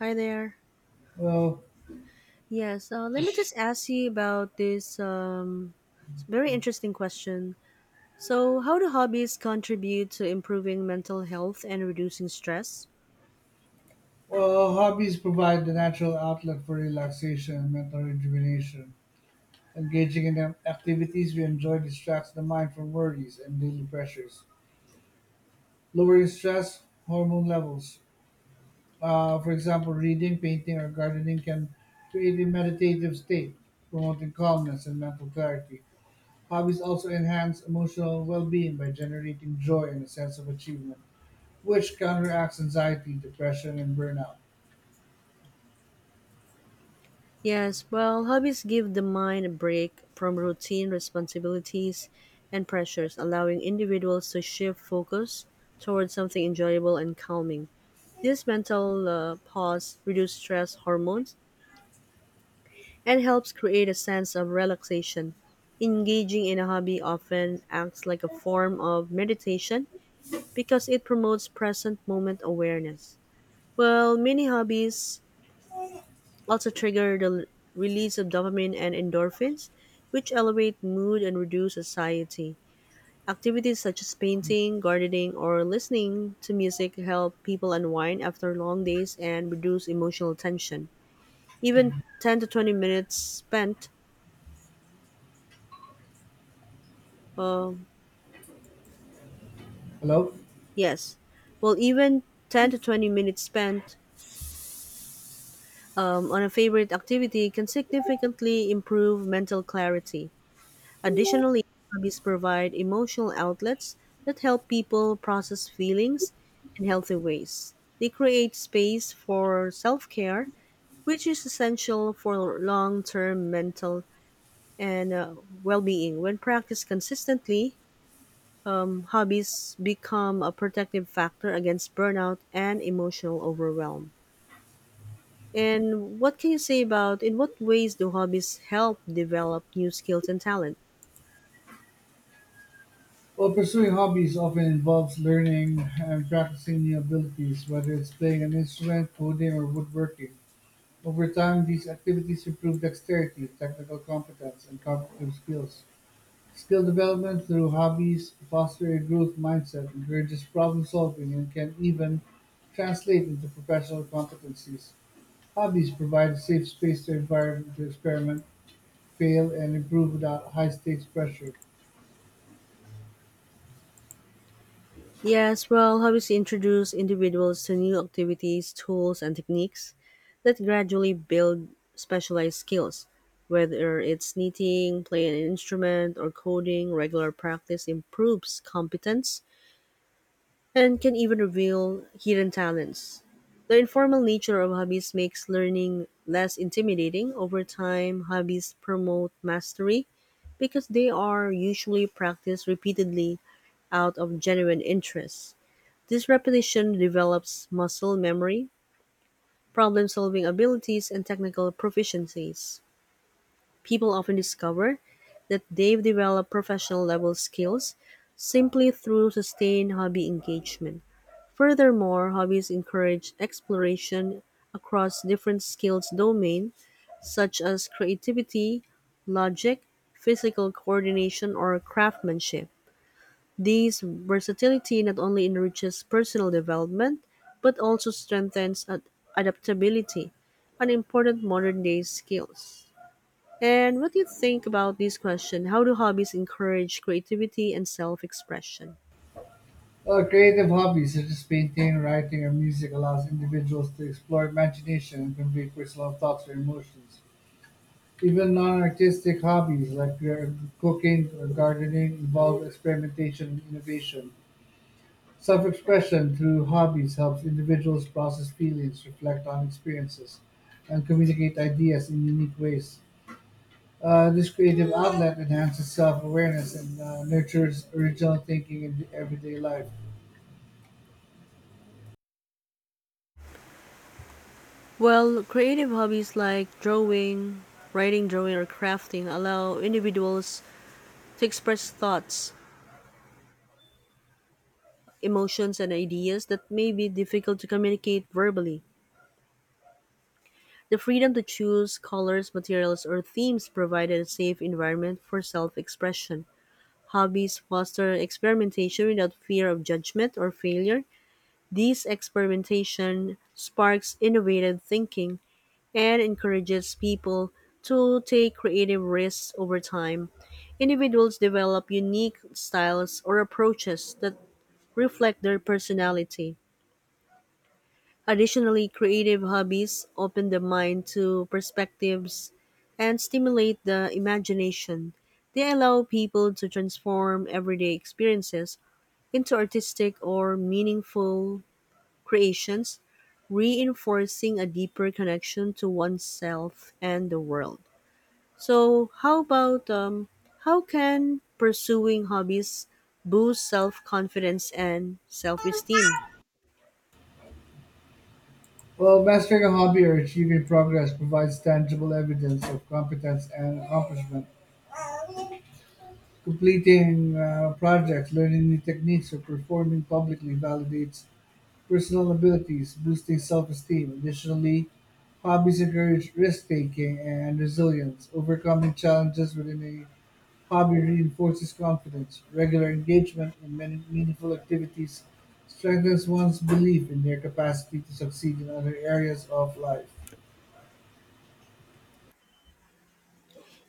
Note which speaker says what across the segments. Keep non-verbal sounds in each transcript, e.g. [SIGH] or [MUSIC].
Speaker 1: Hi there.
Speaker 2: Well,
Speaker 1: Yes, let me just ask you about this very interesting question. So, how do hobbies contribute to improving mental health and reducing stress?
Speaker 2: well, hobbies provide the natural outlet for relaxation and mental rejuvenation. Engaging in activities we enjoy distracts the mind from worries and daily pressures, lowering stress hormone levels. For example, reading, painting, or gardening can create a meditative state, promoting calmness and mental clarity. Hobbies also enhance emotional well being by generating joy and a sense of achievement, which counteracts anxiety, depression, and burnout.
Speaker 1: Yes, well, hobbies give the mind a break from routine responsibilities and pressures, allowing individuals to shift focus towards something enjoyable and calming. This mental pause reduces stress hormones and helps create a sense of relaxation. Engaging in a hobby often acts like a form of meditation because it promotes present moment awareness. Well, many hobbies also trigger the release of dopamine and endorphins, which elevate mood and reduce anxiety. Activities such as painting, gardening, or listening to music help people unwind after long days and reduce emotional tension. Even 10 to 20 minutes spent um,
Speaker 2: Hello?
Speaker 1: Yes. Well, even 10 to 20 minutes spent on a favorite activity can significantly improve mental clarity. Additionally, hobbies provide emotional outlets that help people process feelings in healthy ways. They create space for self care, which is essential for long term mental and well being. When practiced consistently, hobbies become a protective factor against burnout and emotional overwhelm. And what can you say about in what ways do hobbies help develop new skills and talent?
Speaker 2: Well, pursuing hobbies often involves learning and practicing new abilities, whether it's playing an instrument, coding, or woodworking. Over time, these activities improve dexterity, technical competence, and cognitive skills. Skill development through hobbies foster a growth mindset, encourages problem solving, and can even translate into professional competencies. Hobbies provide a safe space to environment to experiment, fail, and improve without high stakes pressure.
Speaker 1: Yes, well, hobbies introduce individuals to new activities, tools, and techniques that gradually build specialized skills. Whether it's knitting, playing an instrument, or coding, regular practice improves competence and can even reveal hidden talents. The informal nature of hobbies makes learning less intimidating. Over time, hobbies promote mastery because they are usually practiced repeatedly out of genuine interest. This repetition develops muscle memory, problem solving abilities, and technical proficiencies. People often discover that they've developed professional level skills simply through sustained hobby engagement. Furthermore, hobbies encourage exploration across different skills domains such as creativity, logic, physical coordination, or craftsmanship. This versatility not only enriches personal development but also strengthens adaptability, an important modern day skills. And what do you think about this question? How do hobbies encourage creativity and self expression?
Speaker 2: Creative hobbies such as painting, writing, or music allows individuals to explore imagination and convey personal thoughts or emotions. Even non-artistic hobbies like cooking or gardening involve experimentation and innovation. Self-expression through hobbies helps individuals process feelings, reflect on experiences, and communicate ideas in unique ways. This creative outlet enhances self-awareness and nurtures original thinking in everyday life.
Speaker 1: Well, creative hobbies like drawing, writing, drawing, or crafting allow individuals to express thoughts, emotions, and ideas that may be difficult to communicate verbally. The freedom to choose colors, materials, or themes provided a safe environment for self expression. Hobbies foster experimentation without fear of judgment or failure. These experimentation sparks innovative thinking and encourages people to take creative risks over time. Individuals develop unique styles or approaches that reflect their personality. Additionally, creative hobbies open the mind to perspectives and stimulate the imagination. They allow people to transform everyday experiences into artistic or meaningful creations, reinforcing a deeper connection to oneself and the world. So, how about how can pursuing hobbies boost self confidence and self esteem?
Speaker 2: Well, mastering a hobby or achieving progress provides tangible evidence of competence and accomplishment. Completing projects, learning new techniques, or performing publicly validates personal abilities, boosting self esteem. Additionally, hobbies encourage risk taking and resilience, overcoming challenges within a hobby reinforces confidence; regular engagement in many meaningful activities strengthens one's belief in their capacity to succeed in other areas of life.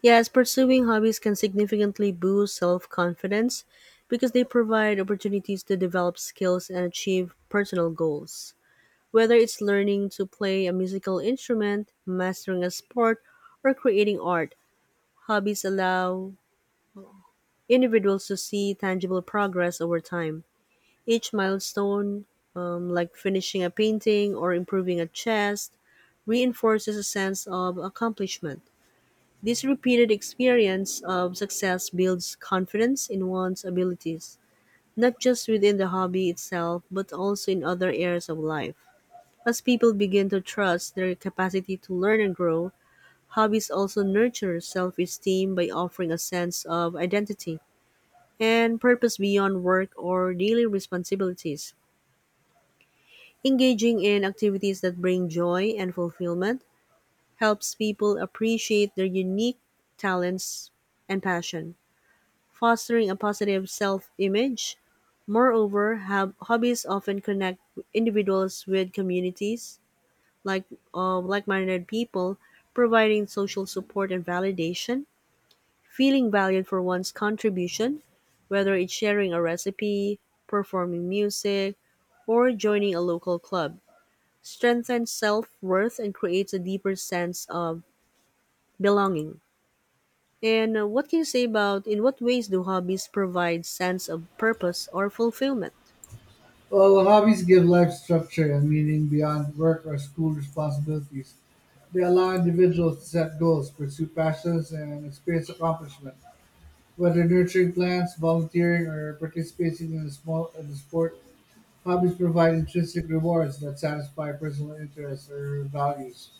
Speaker 1: Yes, pursuing hobbies can significantly boost self confidence because they provide opportunities to develop skills and achieve personal goals. Whether it's learning to play a musical instrument, mastering a sport, or creating art, hobbies allow individuals to see tangible progress over time. Each milestone, like finishing a painting or improving a chest, reinforces a sense of accomplishment. This repeated experience of success builds confidence in one's abilities, not just within the hobby itself, but also in other areas of life. As people begin to trust their capacity to learn and grow, hobbies also nurture self esteem by offering a sense of identity and purpose beyond work or daily responsibilities. Engaging in activities that bring joy and fulfillment helps people appreciate their unique talents and passion, fostering a positive self image. Moreover, hobbies often connect individuals with communities like of like-minded people, providing social support and validation. Feeling valued for one's contribution, whether it's sharing a recipe, performing music, or joining a local club, strengthens self-worth and creates a deeper sense of belonging. And what can you say about in what ways do hobbies provide sense of purpose or fulfillment?
Speaker 2: While hobbies give life structure and meaning beyond work or school responsibilities, they allow individuals to set goals, pursue passions, and experience accomplishment. Whether nurturing plants, volunteering, or participating in a sport, hobbies provide intrinsic rewards that satisfy personal interests or values.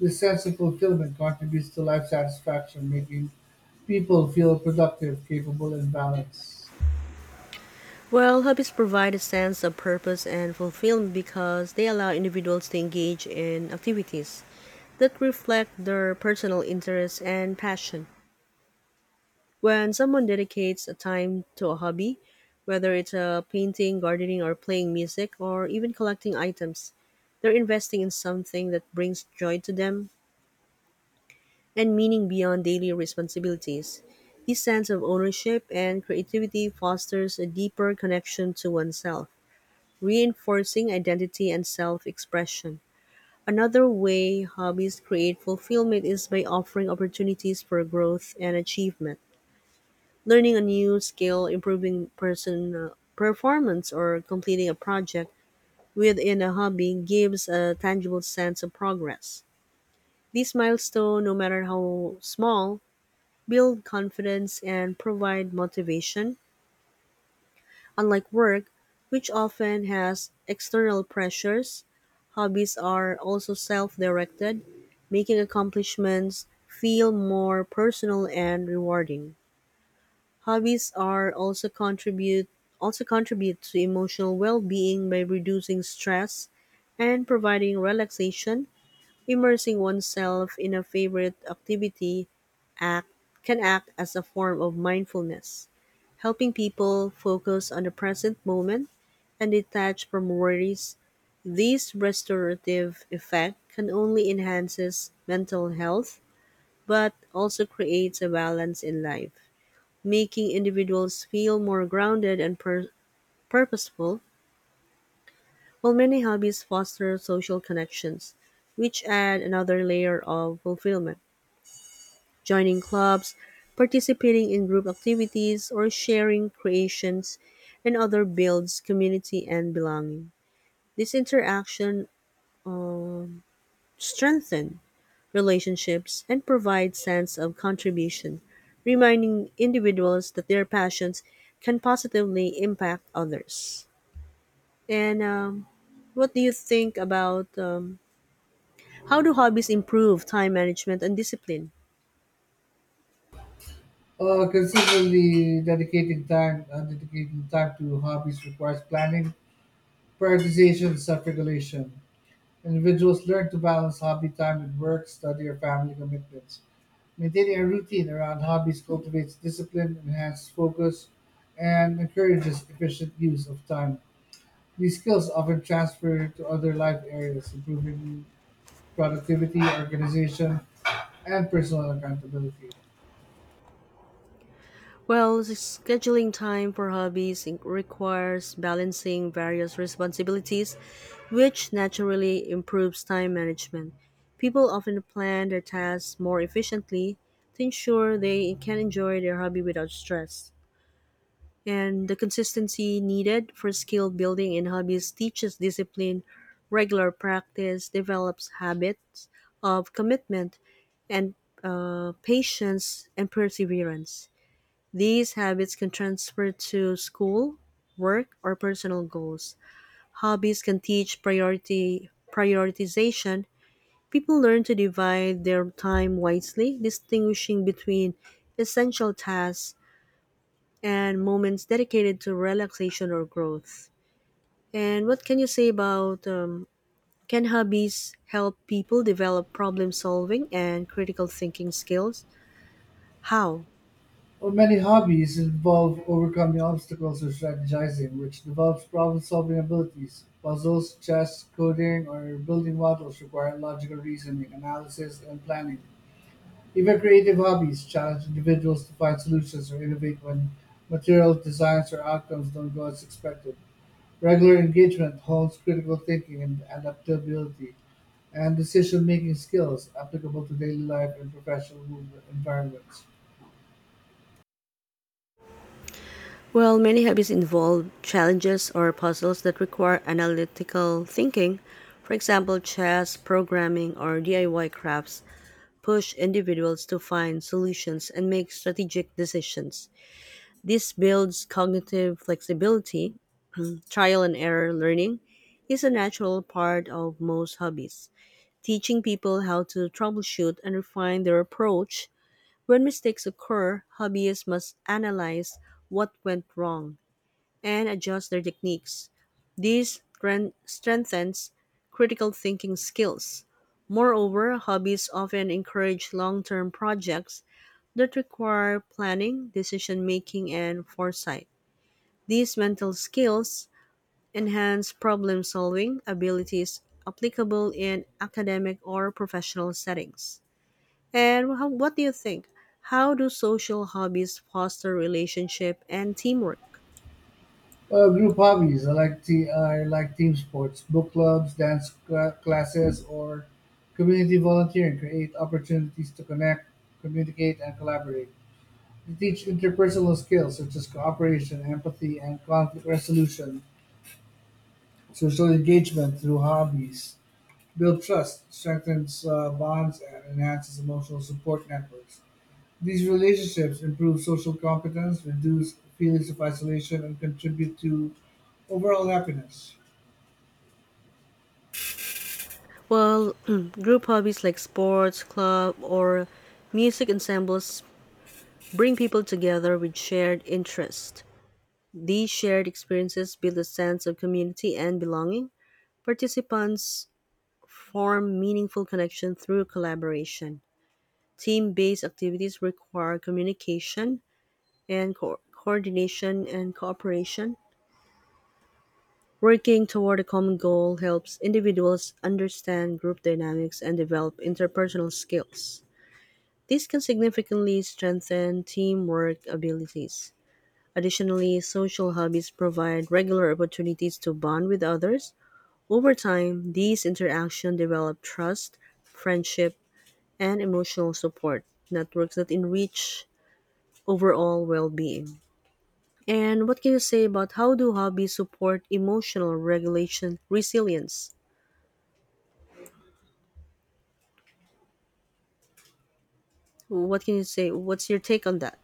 Speaker 2: This sense of fulfillment contributes to life satisfaction, making people feel productive, capable, and balanced.
Speaker 1: Well, hobbies provide a sense of purpose and fulfillment because they allow individuals to engage in activities that reflect their personal interests and passion. When someone dedicates a time to a hobby, whether it's a painting, gardening, or playing music, or even collecting items, they're investing in something that brings joy to them and meaning beyond daily responsibilities. This sense of ownership and creativity fosters a deeper connection to oneself, reinforcing identity and self expression. Another way hobbies create fulfillment is by offering opportunities for growth and achievement. Learning a new skill, improving personal performance, or completing a project within a hobby gives a tangible sense of progress. These milestones, no matter how small, build confidence and provide motivation. Unlike work, which often has external pressures, hobbies are also self directed, making accomplishments feel more personal and rewarding. Hobbies are also contribute to emotional well-being by reducing stress and providing relaxation. Immersing oneself in a favorite activity act can act as a form of mindfulness, helping people focus on the present moment and detach from worries. This restorative effect can only enhances mental health but also creates a balance in life, making individuals feel more grounded and purposeful, while many hobbies foster social connections, which add another layer of fulfillment. Joining clubs, participating in group activities, or sharing creations and other builds community and belonging. This interaction um, strengthens relationships and provides sense of contribution, reminding individuals that their passions can positively impact others. And what do you think about how do hobbies improve time management and discipline?
Speaker 2: Consistently dedicating time to hobbies requires planning, prioritization, and self-regulation. Individuals learn to balance hobby time with work, study, or family commitments. Maintaining a routine around hobbies cultivates discipline, enhances focus, and encourages efficient use of time. These skills often transfer to other life areas, improving productivity, organization, and personal accountability.
Speaker 1: Well, scheduling time for hobbies requires balancing various responsibilities, which naturally improves time management. People often plan their tasks more efficiently to ensure they can enjoy their hobby without stress. And the consistency needed for skill building in hobbies teaches discipline. Regular practice develops habits of commitment and, patience and perseverance. These habits can transfer to school, work, or personal goals. Hobbies can teach priority prioritization. People learn to divide their time wisely, distinguishing between essential tasks and moments dedicated to relaxation or growth. And what can you say about, can hobbies help people develop problem solving and critical thinking skills? How?
Speaker 2: While many hobbies involve overcoming obstacles or strategizing, which develops problem solving abilities. Puzzles, chess, coding, or building models require logical reasoning, analysis, and planning. Even creative hobbies challenge individuals to find solutions or innovate when material designs or outcomes don't go as expected. Regular engagement honed critical thinking and adaptability, and decision-making skills applicable to daily life and professional environments.
Speaker 1: Well, many hobbies involve challenges or puzzles that require analytical thinking. For example, chess, programming, or DIY crafts push individuals to find solutions and make strategic decisions. This builds cognitive flexibility. Trial and error learning is a natural part of most hobbies, teaching people how to troubleshoot and refine their approach. When mistakes occur, hobbyists must analyze what went wrong and adjust their techniques. This strengthens critical thinking skills. Moreover, hobbies often encourage long term projects that require planning, decision making, and foresight. These mental skills enhance problem solving abilities applicable in academic or professional settings. And how, what do you think? How do social hobbies foster relationship and teamwork?
Speaker 2: Group hobbies. I like team sports, book clubs, dance classes, or community volunteering. Create opportunities to connect, communicate, and collaborate. They teach interpersonal skills such as cooperation, empathy, and conflict resolution. Social engagement through hobbies build trust, strengthens bonds, and enhances emotional support networks. These relationships improve social competence, reduce feelings of isolation, and contribute to overall happiness.
Speaker 1: Well, [CLEARS THROAT] group hobbies like sports, club, or music ensembles bring people together with shared interests. These shared experiences build a sense of community and belonging. Participants form meaningful connection through collaboration. Team based activities require communication and coordination and cooperation. Working toward a common goal helps individuals understand group dynamics and develop interpersonal skills. This can significantly strengthen teamwork abilities. Additionally, social hobbies provide regular opportunities to bond with others. Over time, these interactions develop trust, friendship, and emotional support. Networks that enrich overall well-being. And what can you say about how do hobbies support emotional regulation resilience? What can you say? What's your take on that?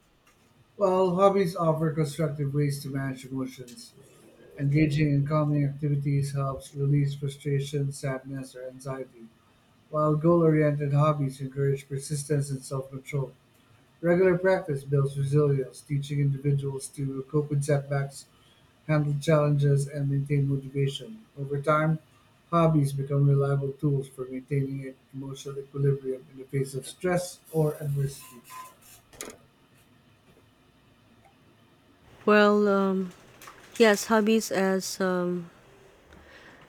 Speaker 2: While hobbies offer constructive ways to manage emotions, engaging in calming activities helps release frustration, sadness, or anxiety, while goal oriented hobbies encourage persistence and self control. Regular practice builds resilience, teaching individuals to cope with setbacks handle challenges, and maintain motivation. Over time, hobbies become reliable tools for maintaining an emotional equilibrium in the face of stress or adversity.
Speaker 1: Well, yes, hobbies as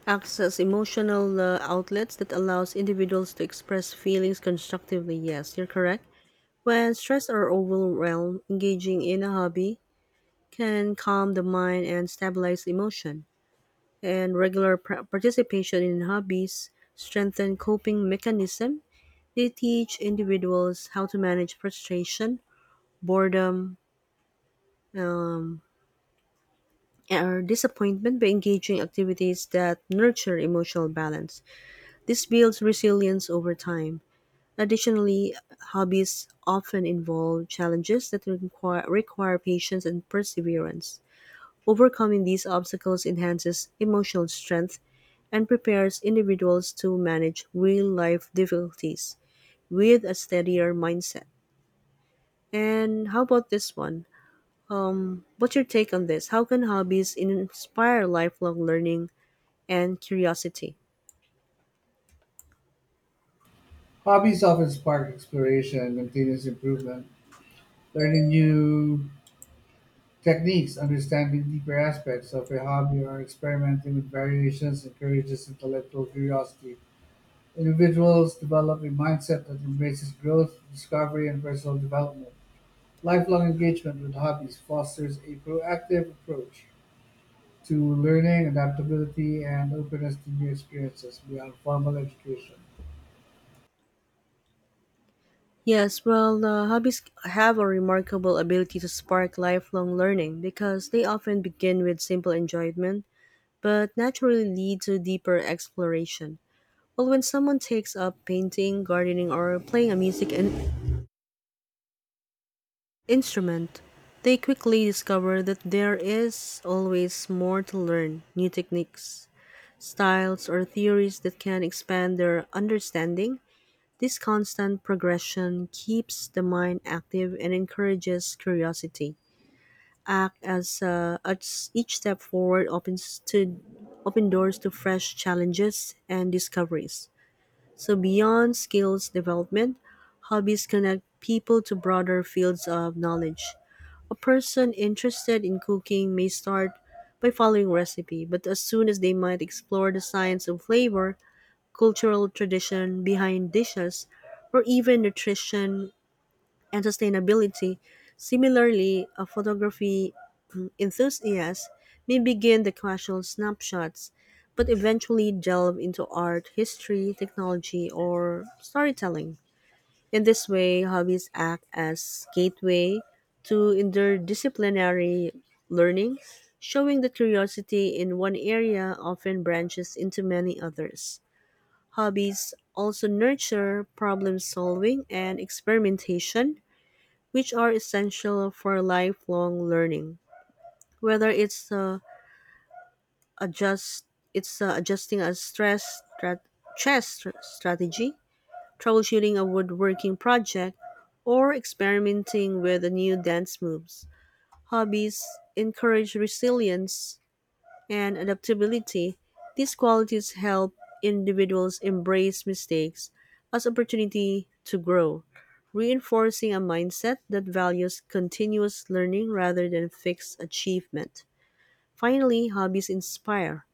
Speaker 1: acts as emotional outlets that allows individuals to express feelings constructively. Yes, you're correct. When stressed or overwhelmed, engaging in a hobby can calm the mind and stabilize emotion. And regular participation in hobbies strengthen coping mechanism. They teach individuals how to manage frustration, boredom, um, or disappointment by engaging activities that nurture emotional balance. This builds resilience over time. Additionally, hobbies often involve challenges that require patience and perseverance. Overcoming these obstacles enhances emotional strength and prepares individuals to manage real life difficulties with a steadier mindset. And how about this one? What's your take on this? How can hobbies inspire lifelong learning and curiosity?
Speaker 2: Hobbies often spark exploration and continuous improvement. Learning new techniques, understanding deeper aspects of a hobby, or experimenting with variations encourages intellectual curiosity. Individuals develop a mindset that embraces growth, discovery, and personal development. Lifelong engagement with hobbies fosters a proactive approach to learning, adaptability, and openness to new experiences beyond formal education.
Speaker 1: Yes, well, hobbies have a remarkable ability to spark lifelong learning because they often begin with simple enjoyment but naturally lead to deeper exploration. Well, when someone takes up painting, gardening, or playing a music instrument, they quickly discover that there is always more to learn new techniques, styles, or theories that can expand their understanding. This constant progression keeps the mind active and encourages curiosity. Act as each step forward open doors to fresh challenges and discoveries. So beyond skills development, hobbies connect people to broader fields of knowledge. A person interested in cooking may start by following recipe, but as soon as they might explore the science of flavor, cultural tradition behind dishes, or even nutrition and sustainability. Similarly, a photography enthusiast may begin the casual snapshots, but eventually delve into art, history, technology, or storytelling. In this way, hobbies act as gateway to interdisciplinary learning, showing that curiosity in one area often branches into many others. Hobbies also nurture problem solving and experimentation, which are essential for lifelong learning. Whether adjust, it's adjusting a stress strategy, troubleshooting a woodworking project, or experimenting with new dance moves. Hobbies encourage resilience and adaptability. These qualities help individuals embrace mistakes as opportunity to grow, reinforcing a mindset that values continuous learning rather than fixed achievement. Finally, hobbies inspire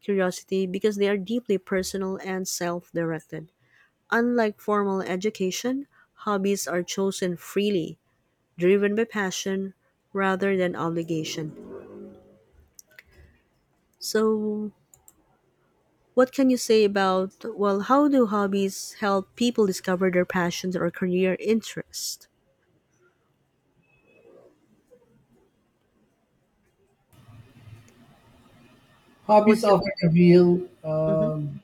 Speaker 1: curiosity because they are deeply personal and self-directed. Unlike formal education, hobbies are chosen freely, driven by passion rather than obligation. So, what can you say about, well, how do hobbies help people discover their passions or career interests?
Speaker 2: Hobbies
Speaker 1: What's your.
Speaker 2: often reveal
Speaker 1: Mhm.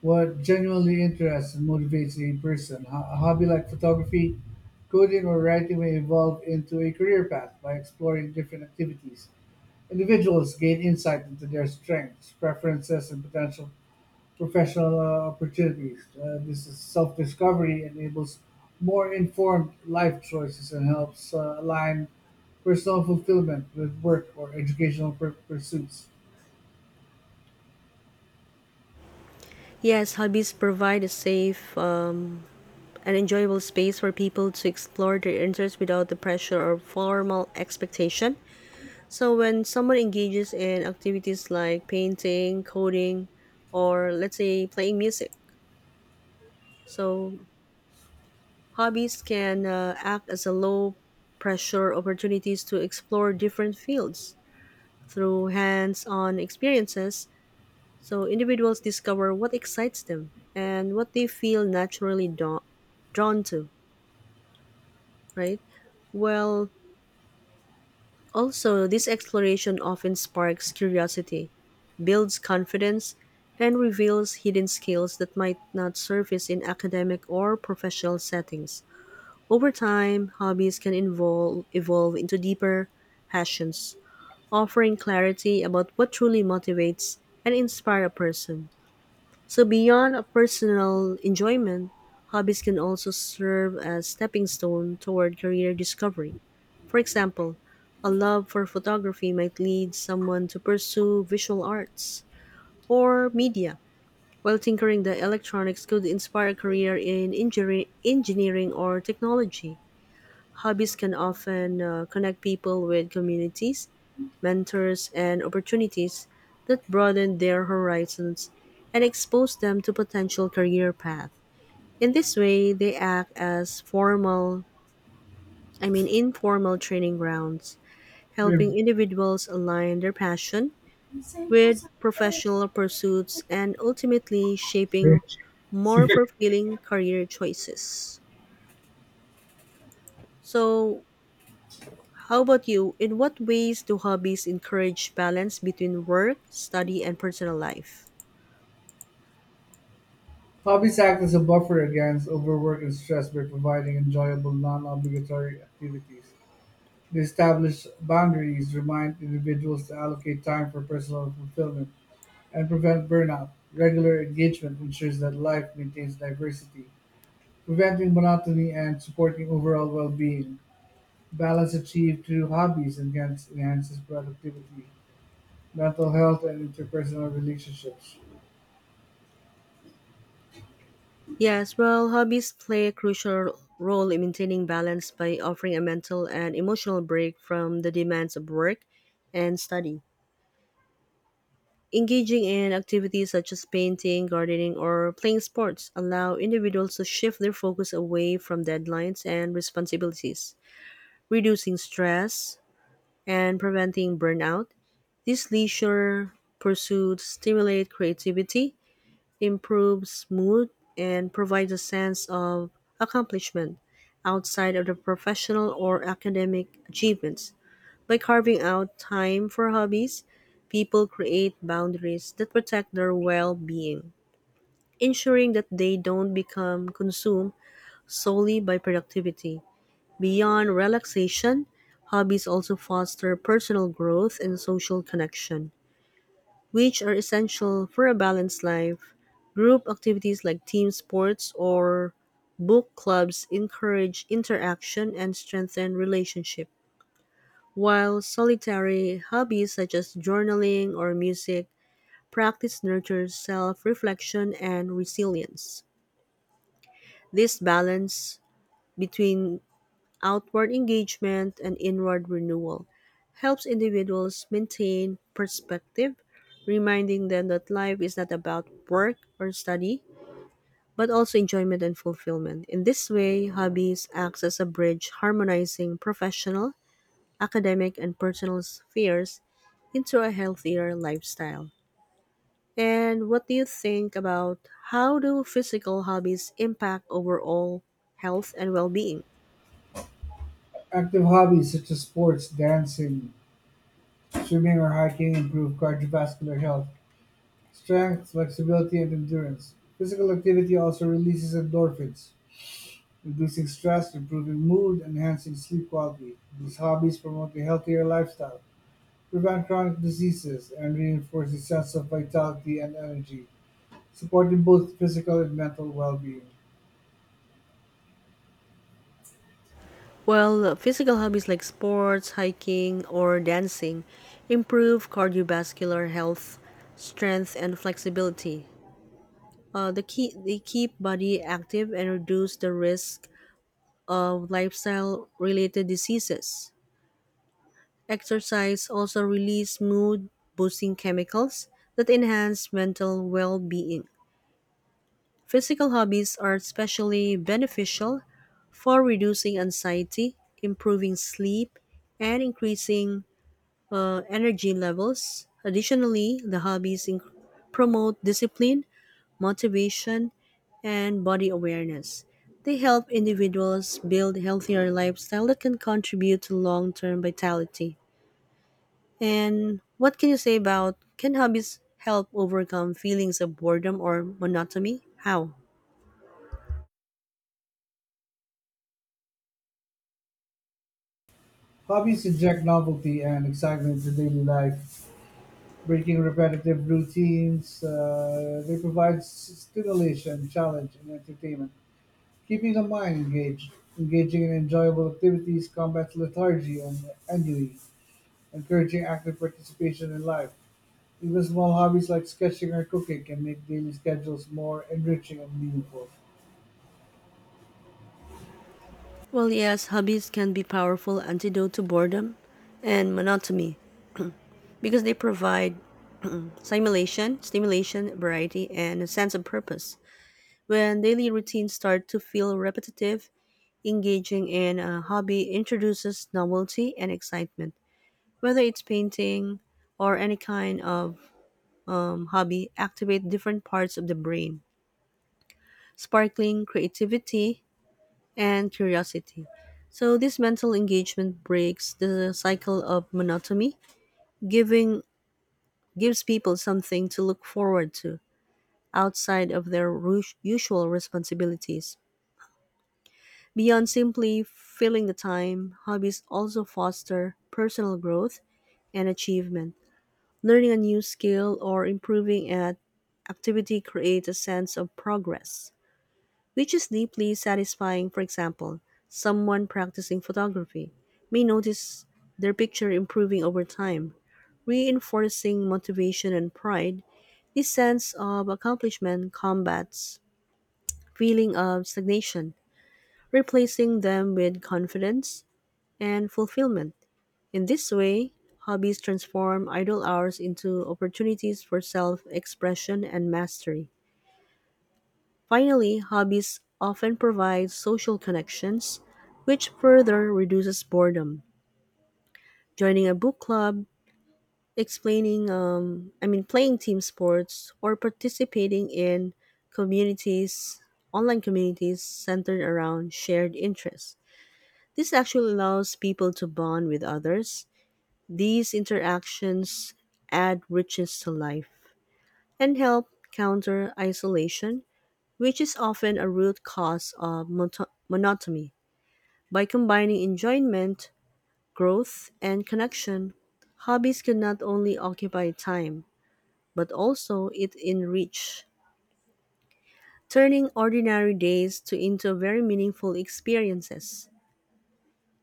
Speaker 2: what genuinely interests and motivates a person. A hobby like photography, coding, or writing may evolve into a career path by exploring different activities. Individuals gain insight into their strengths, preferences, and potential professional opportunities. This is self-discovery enables more informed life choices and helps align personal fulfillment with work or educational pursuits.
Speaker 1: Yes, hobbies provide a safe and enjoyable space for people to explore their interests without the pressure or formal expectation. So, when someone engages in activities like painting, coding, or let's say playing music, so hobbies can act as a low pressure opportunities to explore different fields through hands on experiences. So, individuals discover what excites them and what they feel naturally drawn to, right? Well, also, this exploration often sparks curiosity, builds confidence, and reveals hidden skills that might not surface in academic or professional settings. Over time, hobbies can involve, evolve into deeper passions, offering clarity about what truly motivates and inspires a person. So beyond a personal enjoyment, hobbies can also serve as stepping stone toward career discovery. For example, a love for photography might lead someone to pursue visual arts, or media, while tinkering the electronics could inspire a career in engineering or technology. Hobbies can often connect people with communities, mentors, and opportunities that broaden their horizons and expose them to potential career paths. In this way, they act as formal, I mean informal training grounds,
Speaker 2: Babe,
Speaker 1: helping individuals align their passion
Speaker 2: Ang same
Speaker 1: with professional pursuits and ultimately shaping
Speaker 2: [LAUGHS]
Speaker 1: more fulfilling career choices. So, how about you? In what ways do hobbies encourage balance between work, study, and personal life?
Speaker 2: Hobbies act as a buffer against overwork and stress by providing enjoyable, non-obligatory activities. They establish boundaries, remind individuals to allocate time for personal fulfillment, and prevent burnout. Regular engagement ensures that life maintains diversity, preventing monotony and supporting overall well-being. Balance achieved through enhances productivity, mental health, and interpersonal relationships.
Speaker 1: Yes, well, hobbies play a crucial role in maintaining balance by offering a mental and emotional break from the demands of work and study. Engaging in activities such as painting, gardening, or playing sports allow individuals to shift their focus away from deadlines and responsibilities, reducing stress and preventing burnout. These leisure pursuits stimulate creativity, improves mood, and provides a sense of accomplishment outside of the professional or academic achievements. By carving out time for hobbies, people create boundaries that protect their well being, ensuring that they don't become consumed solely by productivity. Beyond relaxation, hobbies also foster personal growth and social connection, which are essential for a balanced life. Group activities like team sports or book clubs encourage interaction and strengthen relationships. While solitary, hobbies such as journaling or music practice nurtures self reflection and resilience. This balance between outward engagement and inward renewal helps individuals maintain perspective, reminding them that life is not about work or study, but also enjoyment and fulfillment. In this way, hobbies acts as a bridge harmonizing professional academic and personal spheres into a healthier lifestyle. And what do you think about how do physical hobbies impact overall health and well-being?
Speaker 2: Active hobbies such as sports, dancing, swimming, or hiking improve cardiovascular health, strength, flexibility, and endurance. Physical activity also releases endorphins, reducing stress, improving mood, enhancing sleep quality. These hobbies promote a healthier lifestyle, prevent chronic diseases, and reinforce a sense of vitality and energy, supporting both physical and mental well being.
Speaker 1: Well, physical hobbies like sports, hiking, or dancing improve cardiovascular health, strength, and flexibility. They keep body active and reduce the risk of lifestyle-related diseases. Exercise also releases mood boosting chemicals that enhance mental well being. Physical hobbies are especially beneficial for reducing anxiety, improving sleep, and increasing energy levels. Additionally, the promote discipline, motivation, and body awareness. They help individuals build healthier lifestyle that can contribute to long-term vitality. And what can you say about can hobbies help overcome feelings of boredom or monotony? How?
Speaker 2: Hobbies inject novelty and excitement into daily life, breaking repetitive routines. They provide stimulation, challenge, and entertainment, keeping the mind engaged. Engaging in enjoyable activities combats lethargy and ennui encouraging active participation in life. Even small hobbies like sketching or cooking can make daily schedules more enriching and meaningful.
Speaker 1: Well, yes, hobbies can be powerful antidote to boredom and monotony because they provide stimulation, variety, and a sense of purpose. When daily routines start to feel repetitive, engaging in a hobby introduces novelty and excitement. Whether it's painting or any kind of hobby, activate different parts of the brain, sparkling creativity and curiosity. So this mental engagement breaks the cycle of monotony, giving gives people something to look forward to outside of their usual responsibilities. Beyond simply filling the time, hobbies also foster personal growth and achievement. Learning a new skill or improving at activity creates a sense of progress which is deeply satisfying. For example, someone practicing photography may notice their picture improving over time, reinforcing motivation and pride. This sense of accomplishment combats feeling of stagnation, replacing them with confidence and fulfillment. In this way, hobbies transform idle hours into opportunities for self-expression and mastery. Finally, hobbies often provide social connections, which further reduces boredom. Joining a book club, explaining, I mean, playing team sports, or participating in communities, online communities centered around shared interests. This actually allows people to bond with others. These interactions add richness to life and help counter isolation which is often a root cause of monotony. By combining enjoyment, growth, and connection, hobbies can not only occupy time, but also it enrich, turning ordinary days to into very meaningful experiences.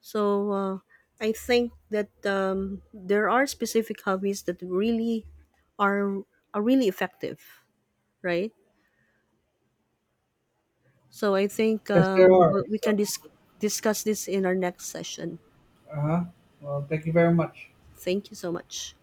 Speaker 1: So I think that there are specific hobbies that really are are really effective, right? So I think
Speaker 2: Yes, there are.
Speaker 1: we
Speaker 2: So,
Speaker 1: can discuss this in our next session.
Speaker 2: uh huh. Well, thank you very much.
Speaker 1: Thank you so much.